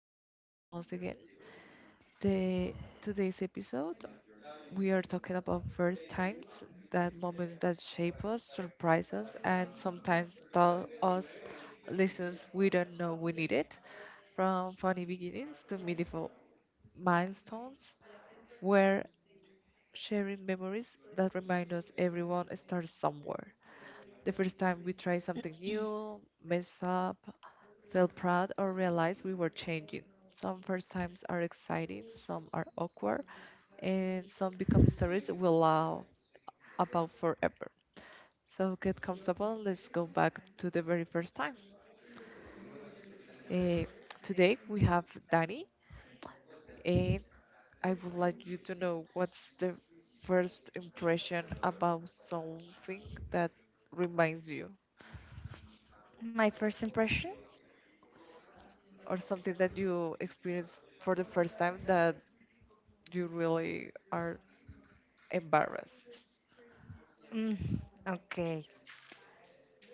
Experience once again. The Today's episode, we are talking about first times, that moments that shape us, surprise us, and sometimes tell us lessons we don't know we needed. From funny beginnings to meaningful milestones, where sharing memories that remind us everyone starts somewhere. The first time we try something new, mess up, felt proud, or realized we were changing. Some first times are exciting, some are awkward, and some become stories we'll laugh about forever. So get comfortable. Let's go back to the very first time. Eh, Today we have Danny, and I would like you to know what's the first impression about something that reminds you, My first impression? or something that you experience for the first time that you really are embarrassed. Mm, okay.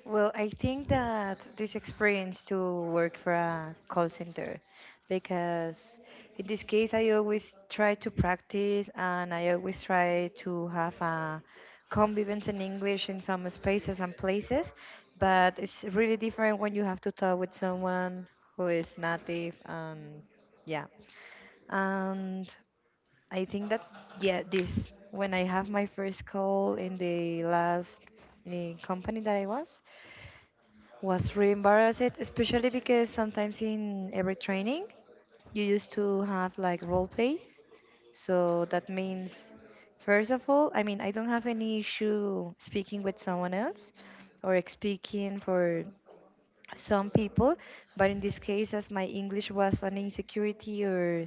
Well, I think that this experience to work for a call center, because in this case, I always try to practice and I always try to have a convivence in English in some spaces and places, but it's really different when you have to talk with someone who is native and yeah. And I think that yeah, this when I have my first call in the last company that I was really embarrassed, especially because sometimes in every training you used to have like role plays. So that means, first of all, I mean, I don't have any issue speaking with someone else or speaking for some people, but in this case, as my English was an insecurity or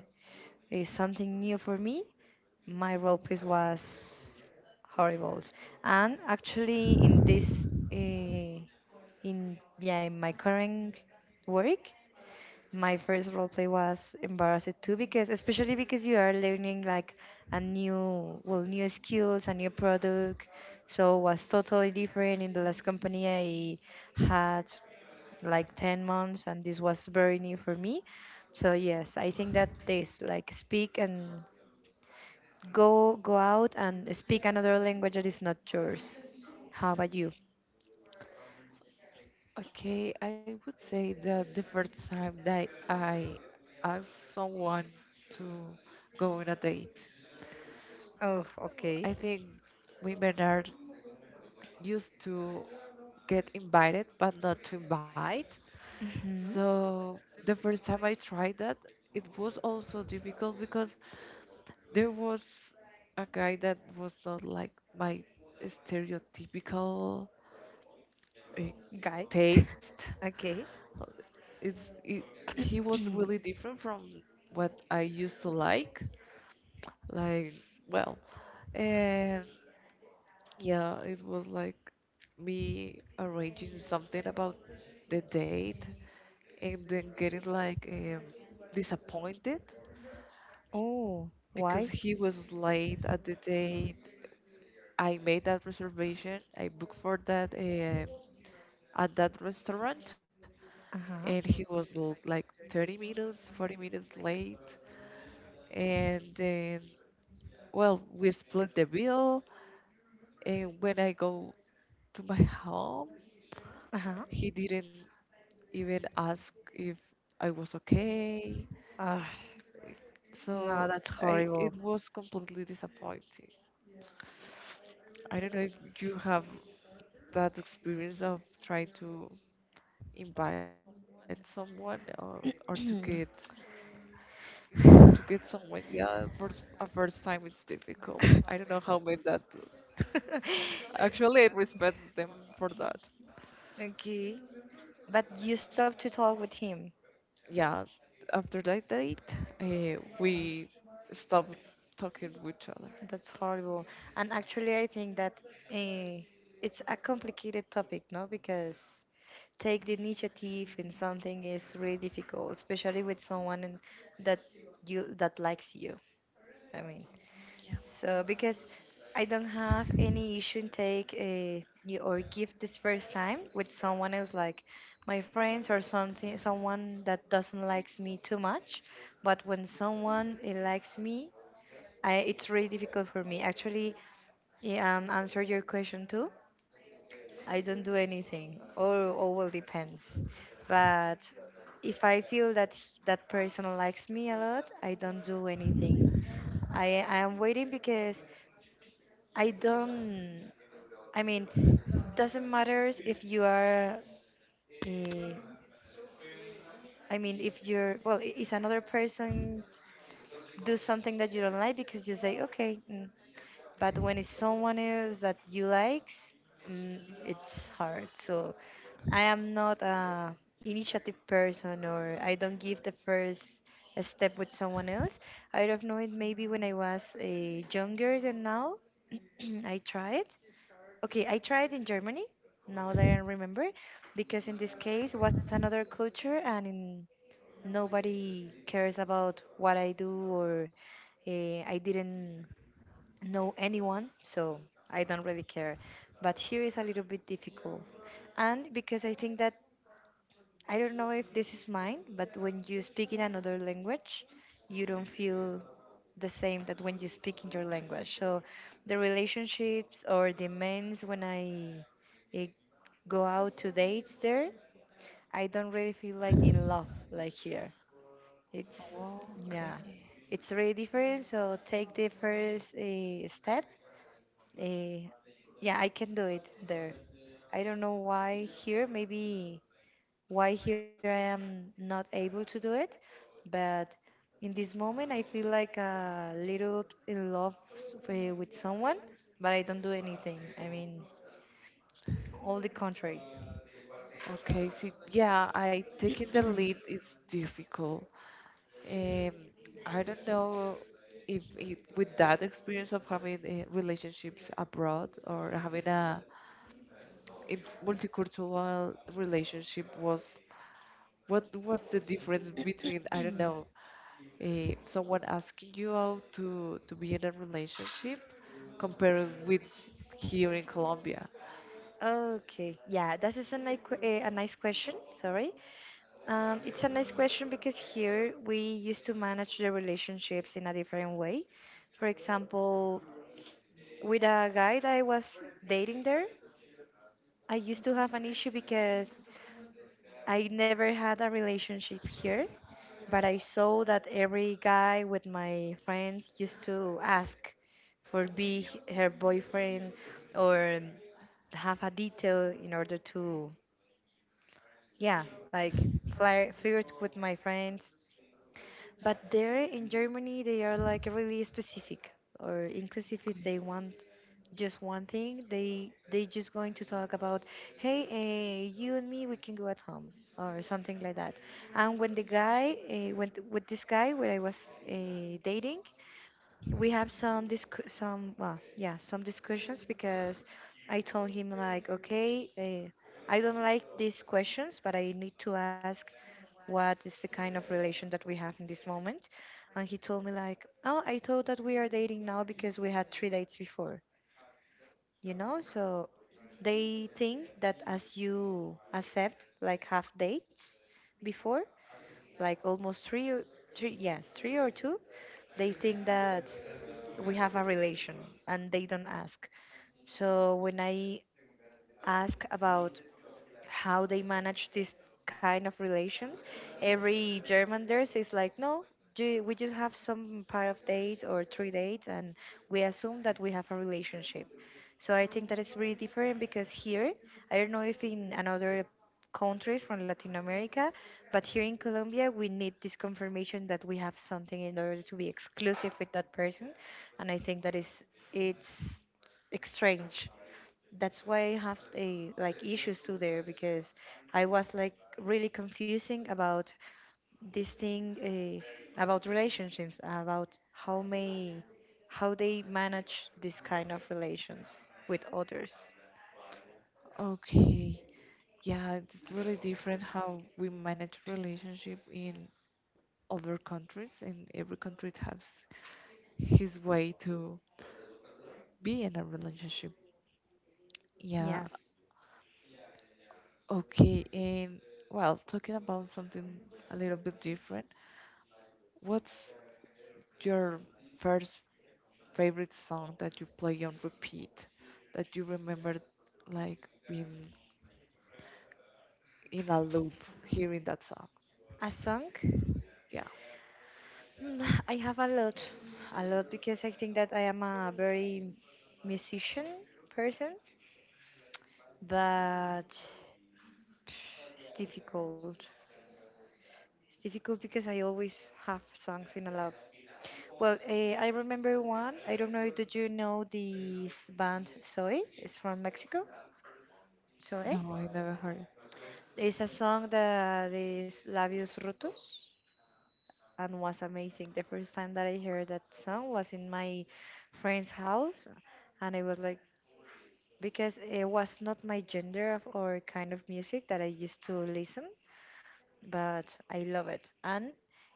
it's something new for me. My role piece was horrible, and actually, in this, in yeah, in my current work, my first role play was embarrassed too, because especially because you are learning like well, new skills, a new product, so was totally different. In the last company, I had like 10 months and this was very new for me, so yes, I think that this like speak and go out and speak another language that is not yours. How about you? Okay, I would say that the first time that I asked someone to go on a date, Oh, okay. I think women are used to get invited but not to invite. Hmm, So the first time I tried that, it was also difficult because there was a guy that was not like my stereotypical uh, guy. taste. Okay. It's it, he was really different from what I used to like. Like, well, and yeah, it was like me arranging something about the date and then getting like, disappointed Oh, because why? he was late at the date. I made that reservation. I booked for that at that restaurant, Uh and huh. he was like 30 minutes, 40 minutes late. And then, well, we split the bill. And when I go to my home, Uh huh. he didn't even ask if I was okay. Ah, no, So that's horrible. it was completely disappointing. I don't know if you have that experience of trying to invite someone, or to get to get someone, yeah, for a first time. It's difficult. I don't know how made that. Actually, I respect them for that. Okay. But you stopped to talk with him. Yeah, after that date, we stopped talking with each other. That's horrible. And actually, I think that eh, it's a complicated topic, no? Because take the initiative in something is really difficult, especially with someone in, that you that likes you. I mean, so because I don't have any issue in take or give this first time with someone else, like my friends or something, someone that doesn't likes me too much. But when someone likes me, it's really difficult for me. Actually, yeah, answer your question too. I don't do anything, or all will depends. But if I feel that that person likes me a lot, I don't do anything. I am waiting because I don't. I mean, doesn't matters if you are. eh, I mean, if you're well, I- is another person do something that you don't like because you say okay. But when it's someone else that you likes, mm, it's hard. So I am not a initiative person, or I don't give the first step with someone else. I don't know it. Maybe when I was a younger than now, I tried. Okay, I tried in Germany. Now that I remember, because in this case was another culture, and in nobody cares about what I do or I didn't know anyone, so I don't really care. But here is a little bit difficult. And because I think that, I don't know if this is mine, but when you speak in another language, you don't feel the same that when you speak in your language. So the relationships or the men's when I, eh, go out to dates there, I don't really feel like in love like here. It's, yeah, Okay. it's really different. So take the first step. Eh, yeah, I can do it there. I don't know why here, maybe why here I am not able to do it, but in this moment I feel like a little in love with someone, but I don't do anything. I mean, all the contrary. Okay, see, yeah, I taking the lead is difficult. Um, I don't know if with that experience of having relationships abroad, or having a multicultural relationship, was what was the difference between, I don't know, someone asking you out to be in a relationship, compared with here in Colombia. Okay, yeah, that is a nice question. Sorry. It's a nice question because here we used to manage the relationships in a different way. For example, with a guy that I was dating there. I used to have an issue because I never had a relationship here, but I saw that every guy with my friends used to ask for be her boyfriend or have a detail in order to, yeah, like flirt, flirt with my friends. But there in Germany, they are like really specific or inclusive if they want just one thing. They just going to talk about, hey, you and me, we can go at home or something like that. And when the guy, when with this guy where I was dating, we have some discu- some well yeah some discussions because I told him like, okay, I don't like these questions but I need to ask what is the kind of relation that we have in this moment. And he told me like, oh, I thought that we are dating now because we had three dates before, so they think that as you accept like half dates before, like almost three, or three, yes, three or two, they think that we have a relation and they don't ask. So when I ask about how they manage this kind of relations. Every German there is like, no, we just have some pair of dates or three dates, and we assume that we have a relationship. So I think that is really different because here, I don't know if in another countries from Latin America, but here in Colombia, we need this confirmation that we have something in order to be exclusive with that person, and I think that is it's strange. That's why I have a like issues too there because I was like really confusing about this thing about relationships, about how they manage this kind of relations with others. Okay. Yeah, it's really different how we manage relationship in other countries, and every country has his way to be in a relationship. Yeah, Yes, okay. And well, talking about something a little bit different, what's your first favorite song that you play on repeat, that you remember like being in a loop hearing that song? a song. Yeah, Hmm, I have a lot because I think that I am a very musician person, but it's difficult. It's difficult because I always have songs in a lot. Well, I remember one. I don't know. Did you know this band Zoe? It's from Mexico. Zoe. no, I never heard it. It's a song that is Labios Rotos and was amazing. The first time that I heard that song was in my friend's house, and it was like because it was not my gender or kind of music that I used to listen. But I love it. And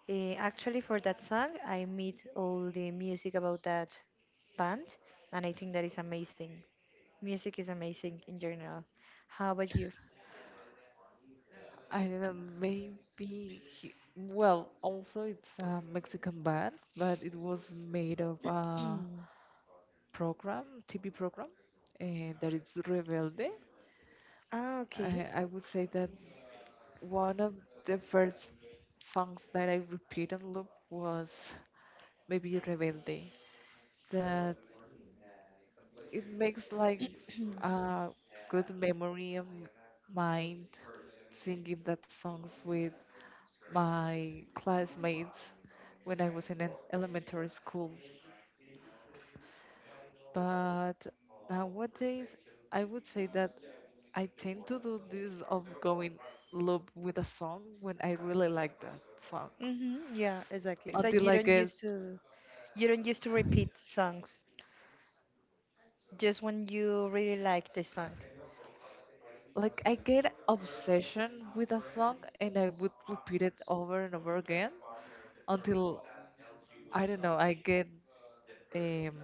actually, for that song, I meet all the music about that band, and I think that is amazing. Music is amazing in general. How about you? I don't know, maybe well, also it's a Mexican band, but it was made of TV program, uh, that is Rebelde. Ah, okay. I would say that one of the first songs that I repeat and loop was maybe Rebelde. That it makes like a good memory of mind singing that songs with my classmates when I was in an elementary school. But nowadays, I would say that I tend to do this of going loop with a song when I really like that song, Mm-hmm. Yeah, exactly. So until you I don't get, used to, you don't used to repeat songs, just when you really like the song, like, I get obsession with a song, and I would repeat it over and over again until, I don't know, I get um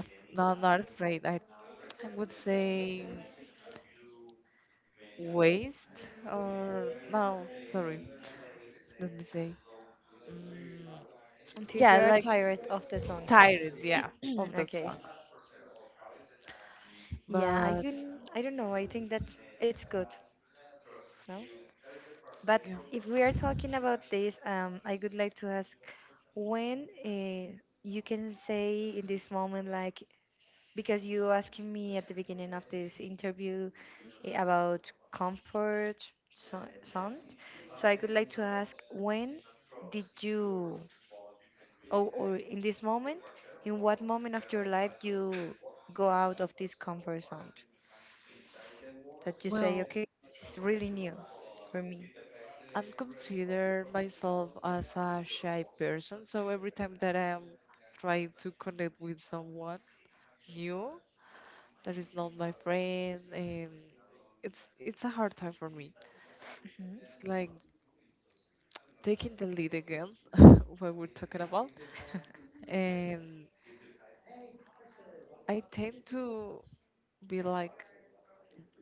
no, not afraid, I would say waste, or, no, sorry, let me say, mm, until you yeah, are like tired of the song. tired, yeah, of that Okay. song. Yeah, I But can, I don't know. I think that it's good, no? But yeah, if we are talking about this, I would like to ask when you can say in this moment, like, because you asking me at the beginning of this interview about comfort, so, sound, so I would like to ask when did you, or in this moment, in what moment of your life you go out of this comfort zone? That you say, well, okay, it's really new for me. I'm consider myself as a shy person, so every time that I'm trying to connect with someone new that is not my friend, and it's a hard time for me. Mhm. It's like taking the lead again, what we're talking about, and I tend to be like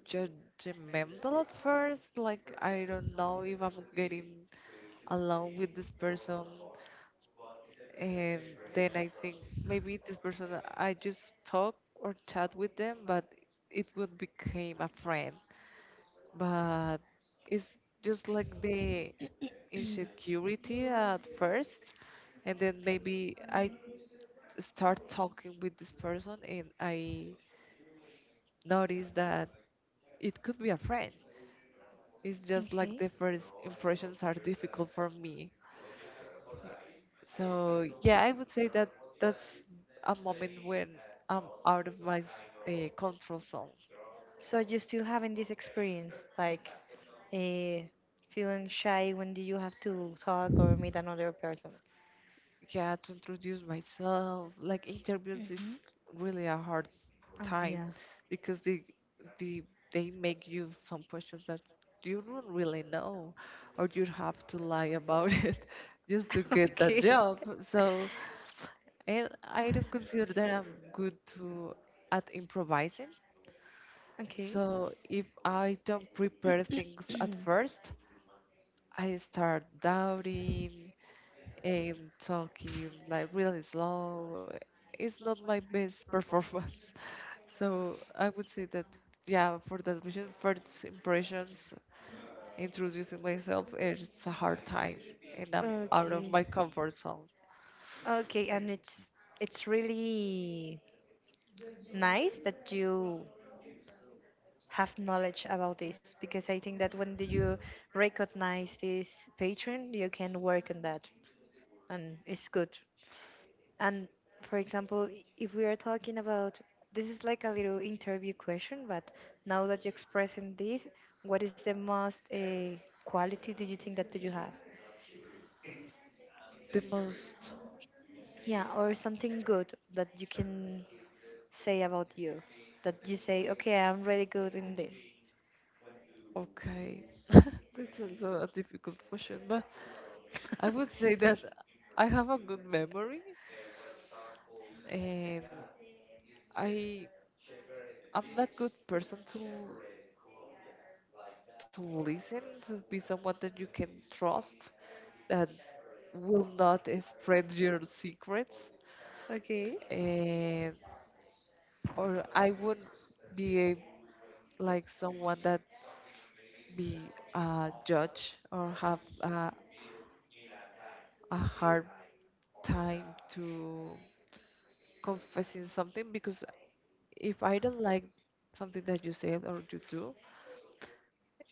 judgmental at first. Like, I don't know if I'm getting along with this person, and then I think maybe this person I just talk or chat with them, but it would became a friend. But it's just like the insecurity at first, and then maybe I start talking with this person and I notice that it could be a friend. It's just like Okay. the first impressions are difficult for me. So yeah, I would say that that's a moment when I'm out of my control zone. So you still having this experience, like uh, feeling shy when do you have to talk or meet another person? Yeah, to introduce myself, like interviews, it's Hmm. really a hard Oh yeah. time, because they they make you some questions that you don't really know, or you have to lie about it just to get Okay. that job. So, and I don't consider that I'm good to at improvising. Okay. So if I don't prepare things at first, I start doubting and talking like really slow. It's not my best performance. So I would say that, yeah, for that reason, first impressions, introducing myself, it's a hard time, and I'm out of Okay. my comfort zone. Okay, and it's really nice that you have knowledge about this because I think that when do you recognize this pattern, you can work on that, and it's good. And for example, if we are talking about this is like a little interview question, but now that you're expressing this, what is the most quality do you think that do you have? The most? Yeah, or something good that you can say about you that you say, okay, I'm really good in this? Okay. That's also a difficult question, but I would say that I have a good memory. Um, I I'm not good person to listen, to be someone that you can trust, that will not spread your secrets, Okay, and or I would be like someone that be a judge, or have a hard time to confessing something, because if I don't like something that you said or you do,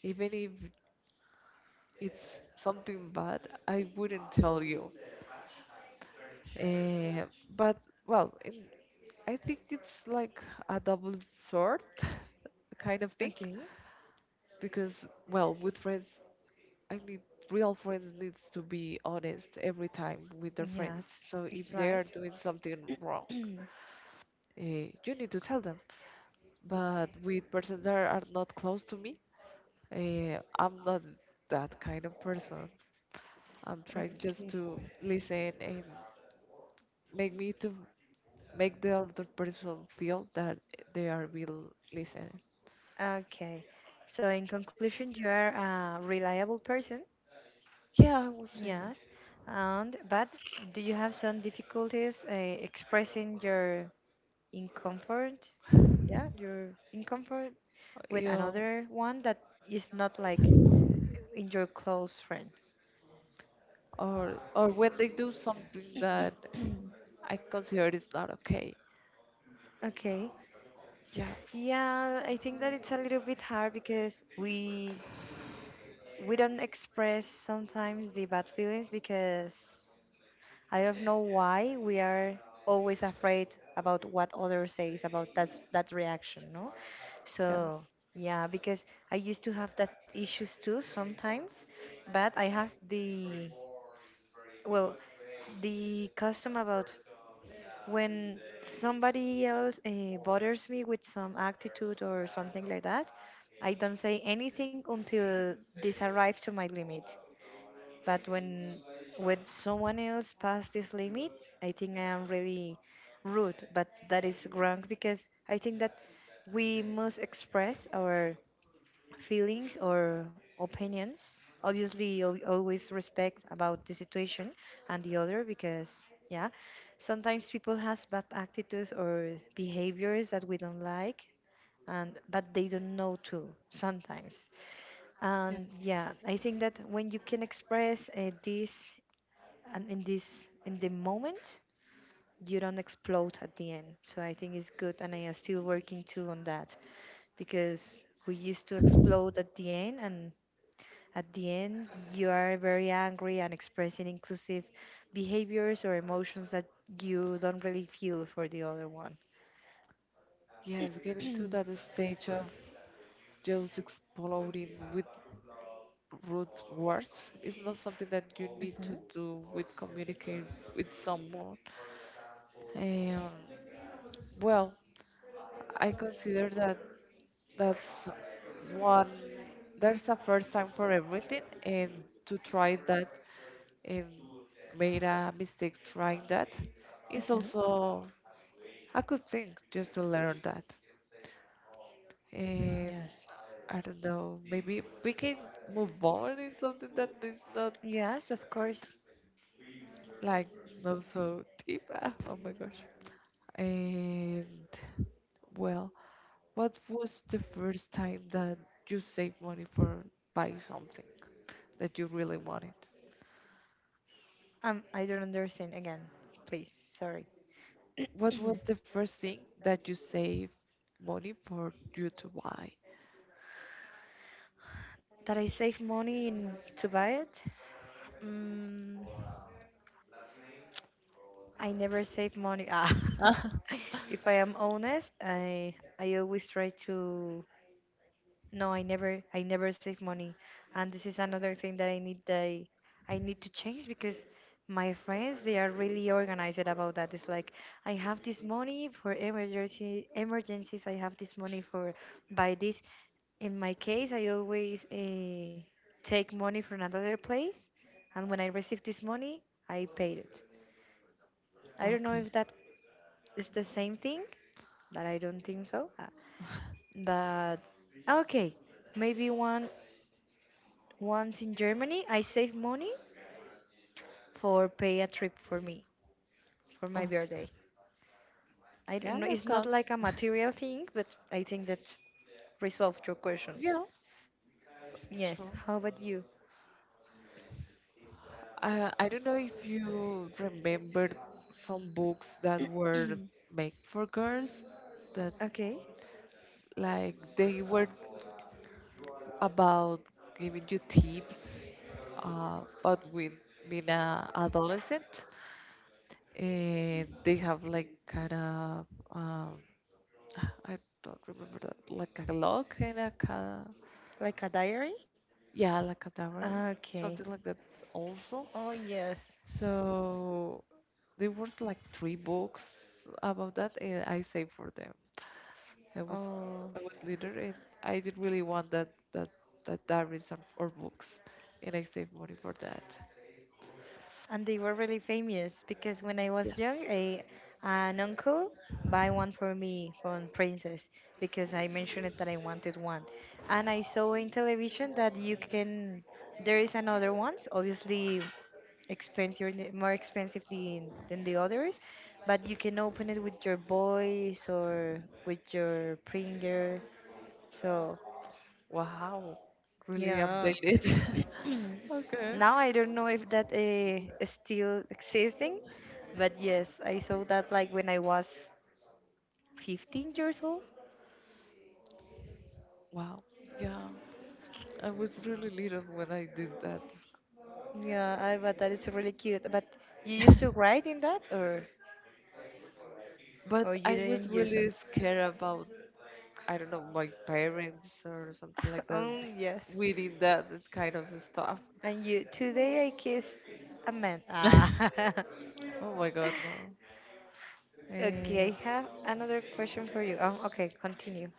even if it's something bad, I wouldn't tell you. Eh, but well, I think it's like a double sword kind of thing, okay. because, well, with friends, I mean, real friends needs to be honest every time with their Yeah, friends. it's, So it's if they right. are doing something wrong, you need to tell them. But with persons that are not close to me, I'm not that kind of person. I'm trying just Okay. to listen and make me to make the other person feel that they are being listened. Okay. So in conclusion, you are a reliable person, Yeah, I would say yes. And but do you have some difficulties expressing your discomfort? Yeah, your discomfort that. with Yeah, another one that is not like with your close friends? or when they do something that I consider is not okay. Okay. Yes, Yeah, I think that it's a little bit hard because we don't express sometimes the bad feelings because I don't know why we are always afraid about what others says about that reaction, no? yes. So yeah, because I used to have that issues too sometimes, but I have well the custom about when somebody else bothers me with some attitude or something like that, I don't say anything until this arrives to my limit. But when someone else past this limit, I think I am really rude. But that is wrong because I think that we must express our feelings or opinions. Obviously, always respect about the situation and the other because, yeah, sometimes people has bad attitudes or behaviors that we don't like, and but they don't know too sometimes. And Yes, yeah, I think that when you can express this and in the moment, you don't explode at the end. So I think it's good, and I am still working too on that because we used to explode at the end, and at the end, you are very angry and expressing inclusive behaviors or emotions that you don't really feel for the other one. yes, getting to that stage of just exploding with rude words is not something that you need to do with communicating with someone. And well, I consider that that's one, there's a first time for everything, and to try that, and made a mistake trying that, is Hmm. also a good thing just to learn that. And Yes. I don't know, maybe we can move on in something that is not Yes, of course. like not so deep. Ah, oh my gosh. And well. What was the first time that you saved money for buy something that you really wanted? I don't understand again. Please, sorry. What was the first thing that you saved money for you to buy? That I save money in to buy it? Mm, I never save money. Ah. If I am honest, I always try to no, I never save money. And this is another thing that I need to change because my friends they are really organized about that. It's like I have this money for emergency emergencies, I have this money for buy this. In my case, I always take money from another place and when I receive this money, I paid it. I don't know Okay. if that it's the same thing, but I don't think so. But okay, maybe one once in Germany, I save money for pay a trip for me for my Oh, birthday. I yeah, don't know. that It's not counts. like a material thing, but I think that resolved your questions. Yeah, Yes. true. How about you? I don't know if you remember some books that were made for girls, that, Okay. like, they were about giving you tips, but with being a adolescent, and they have like kind of, um, I don't remember, that, like, a lock and a ca Like a diary? yeah, like a camera, Okay. something like that also. Oh yes. So there was like three books about that, and I saved for them. I was Oh. I was leader, and I didn't really want that that diaries, or books, and I saved money for that. And they were really famous because when I was Yes. young, a an uncle buy one for me from Princess because I mentioned it that I wanted one, and I saw in television that you can there is another ones obviously expensive more expensive than the others, but you can open it with your voice or with your finger. So Wow, really yeah, updated. Okay. now I don't know if that is still existing, but yes, I saw that like when I was 15 years old. Wow. Yeah, I was really little when I did that. Yeah, I, but that is really cute. But you used to write in that, But or you I was didn't use really it? scared about, I don't know, my parents or something like that. Yes. We did that kind of stuff. And you today I kissed a man. Ah. Oh my God, no. Okay, And I have another question for you. Okay, continue.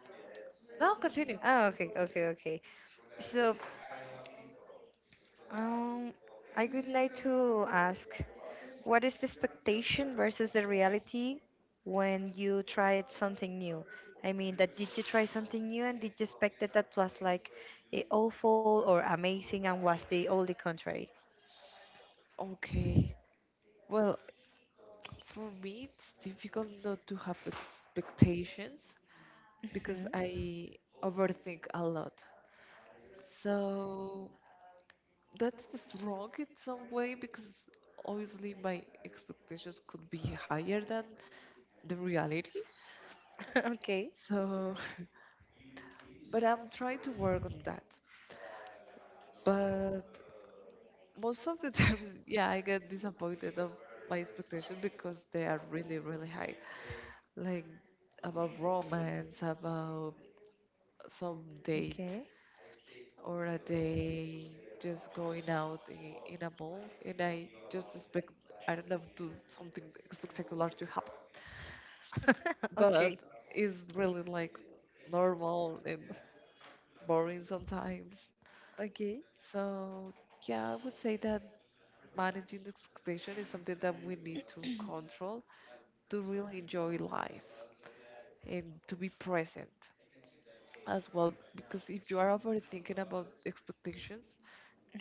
no, continue. Oh, okay. So Um, I would like to ask, what is the expectation versus the reality when you tried something new? I mean, that did you try something new and did you expect that that was like awful or amazing and was the only contrary? Okay. Well, for me, it's difficult not to have expectations, because Mhm. I overthink a lot. So that's just wrong in some way, because obviously my expectations could be higher than the reality. Okay. So, but I'm trying to work on that. But most of the times, yeah, I get disappointed of my expectations because they are really, really high. Like about romance, about some date, Okay. or a day just going out in a mall, and I just expect, I don't know, to something spectacular to happen. But Okay. it's really like normal and boring sometimes. Okay. So yeah, I would say that managing the expectation is something that we need to control to really enjoy life and to be present as well. Because if you are overthinking about expectations,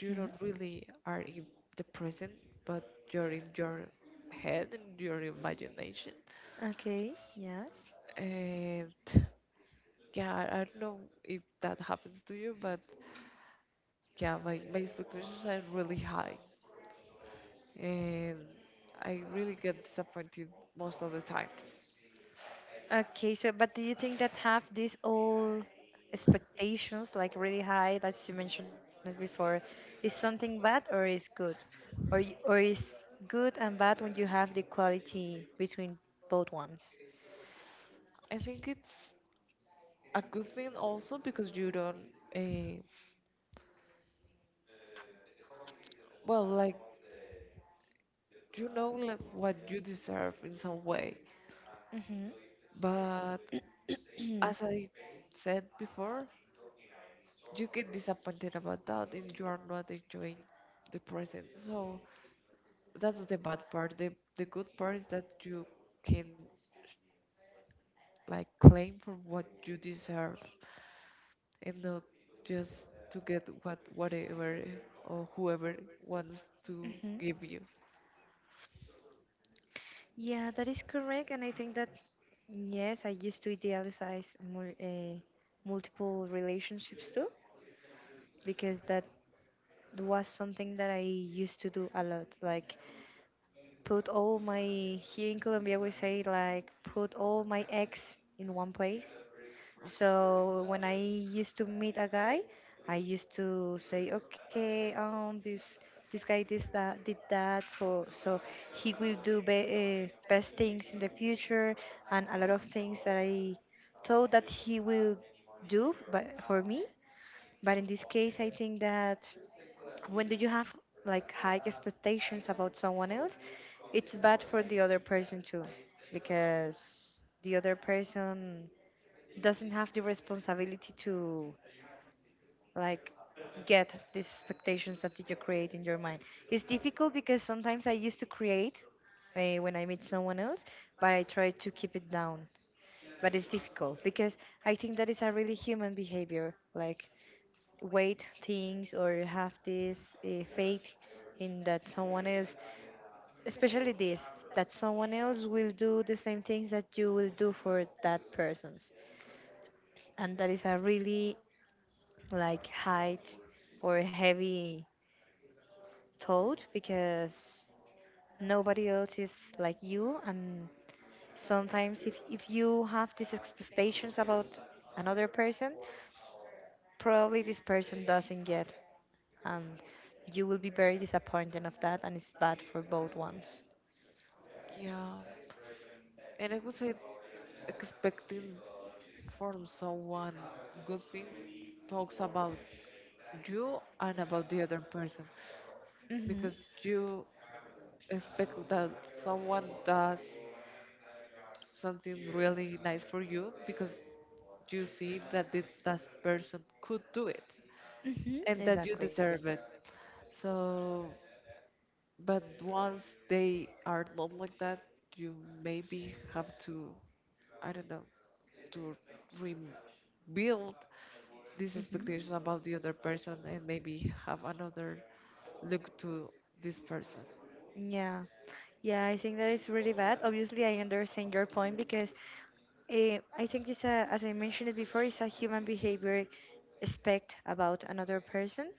you don't really are in the present, but you're in your head and your imagination. Okay. Yes. And yeah, I don't know if that happens to you, but yeah, my expectations are really high, and I really get disappointed most of the times. Okay, so but do you think that have these all expectations like really high, as you mentioned it before, is something bad or is good, or or is good and bad when you have the quality between both ones? I think it's a good thing also, because you don't, uh, well, like, you know like what you deserve in some way. Mm-hmm. But Mm-hmm. as I said before, you get disappointed about that, and you are not enjoying the present. So that's the bad part. The good part is that you can, like, claim for what you deserve, and not just to get whatever or whoever wants to give you. Yeah, that is correct, and I think that yes, I used to idealize multiple relationships too, because that was something that I used to do a lot, like put all my here in Colombia we say like put all my eggs in one place. So when I used to meet a guy, I used to say, okay, this this guy this that did that, for, so he will do be best things in the future, and a lot of things that I thought that he will do, but for me. But in this case, I think that when do you have like high expectations about someone else, it's bad for the other person too because the other person doesn't have the responsibility to like get these expectations that you create in your mind. It's difficult because sometimes I used to create when I meet someone else, but I try to keep it down. But it's difficult because I think that is a really human behavior, like weight things or have this faith in that someone else, especially this, that someone else will do the same things that you will do for that person's. And that is a really like height or heavy thought because nobody else is like you, and sometimes if you have these expectations about another person, probably this person doesn't get, and you will be very disappointed of that, and it's bad for both ones. Yeah, and I would say expecting from someone good things talks about you and about the other person, Hmm. because you expect that someone does something really nice for you, because you see that that person could do it, Hmm, and that you exactly. deserve it. So, but once they are not like that, you maybe have to, I don't know, to rebuild this Hmm. expectation about the other person, and maybe have another look to this person. Yeah, yeah, I think that is really bad. Obviously I understand your point because I think it's a, as I mentioned it before, it's a human behavior aspect about another person.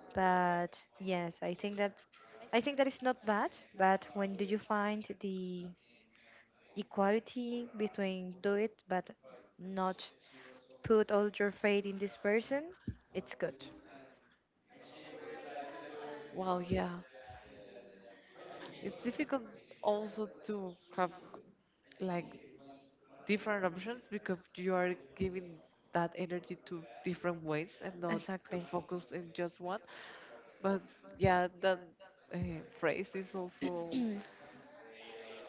But yes, I think that is not bad, but when do you find the equality between do it but not put all your faith in this person, it's good. Well, yeah, it's difficult also to have like different options, because you are giving that energy to different ways, and not to Exactly. focus in just one. But yeah, that uh, phrase is also,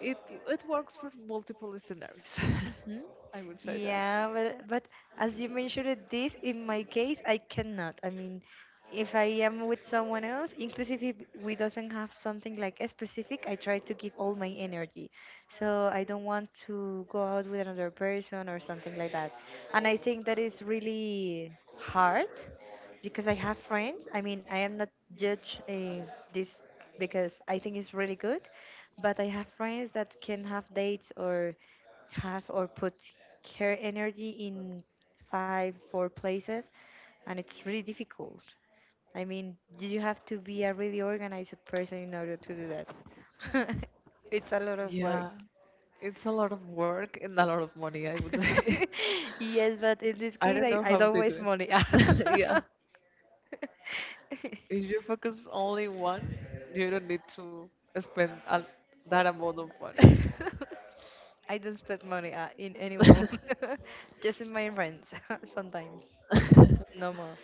it it works for multiple scenarios. Hmm. I would say that. Yeah, but as you mentioned it, this, in my case, I cannot. I mean, if I am with someone else, inclusive if we doesn't have something like a specific, I try to give all my energy. So I don't want to go out with another person or something like that. And I think that is really hard because I have friends. I mean, I am not judge this because I think it's really good, but I have friends that can have dates or have or put care energy in five, four places, and it's really difficult. I mean, you have to be a really organized person in order to do that. It's a lot of work. Yeah, it's a lot of work and a lot of money, I would say. Yes, but in this I case, don't know I how don't they do waste it. money. Yeah. If you focus only one, you don't need to spend all that amount of money. I don't spend money in anyone, just in my friends sometimes. No more.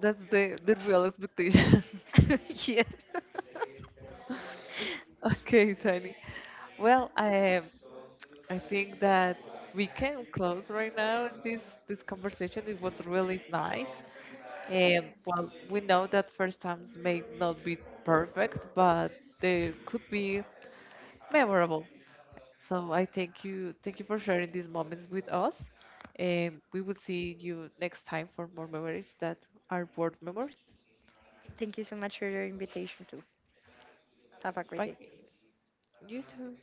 That's the real expectation. Yes. Okay, Tiny. Well, I think that we can close right now this conversation. It was really nice. And well, we know that first times may not be perfect, but they could be memorable. So I thank you for sharing these moments with us. And we will see you next time for more memories that are worth memories. Thank you so much for your invitation too. Have a great Bye. day. You too.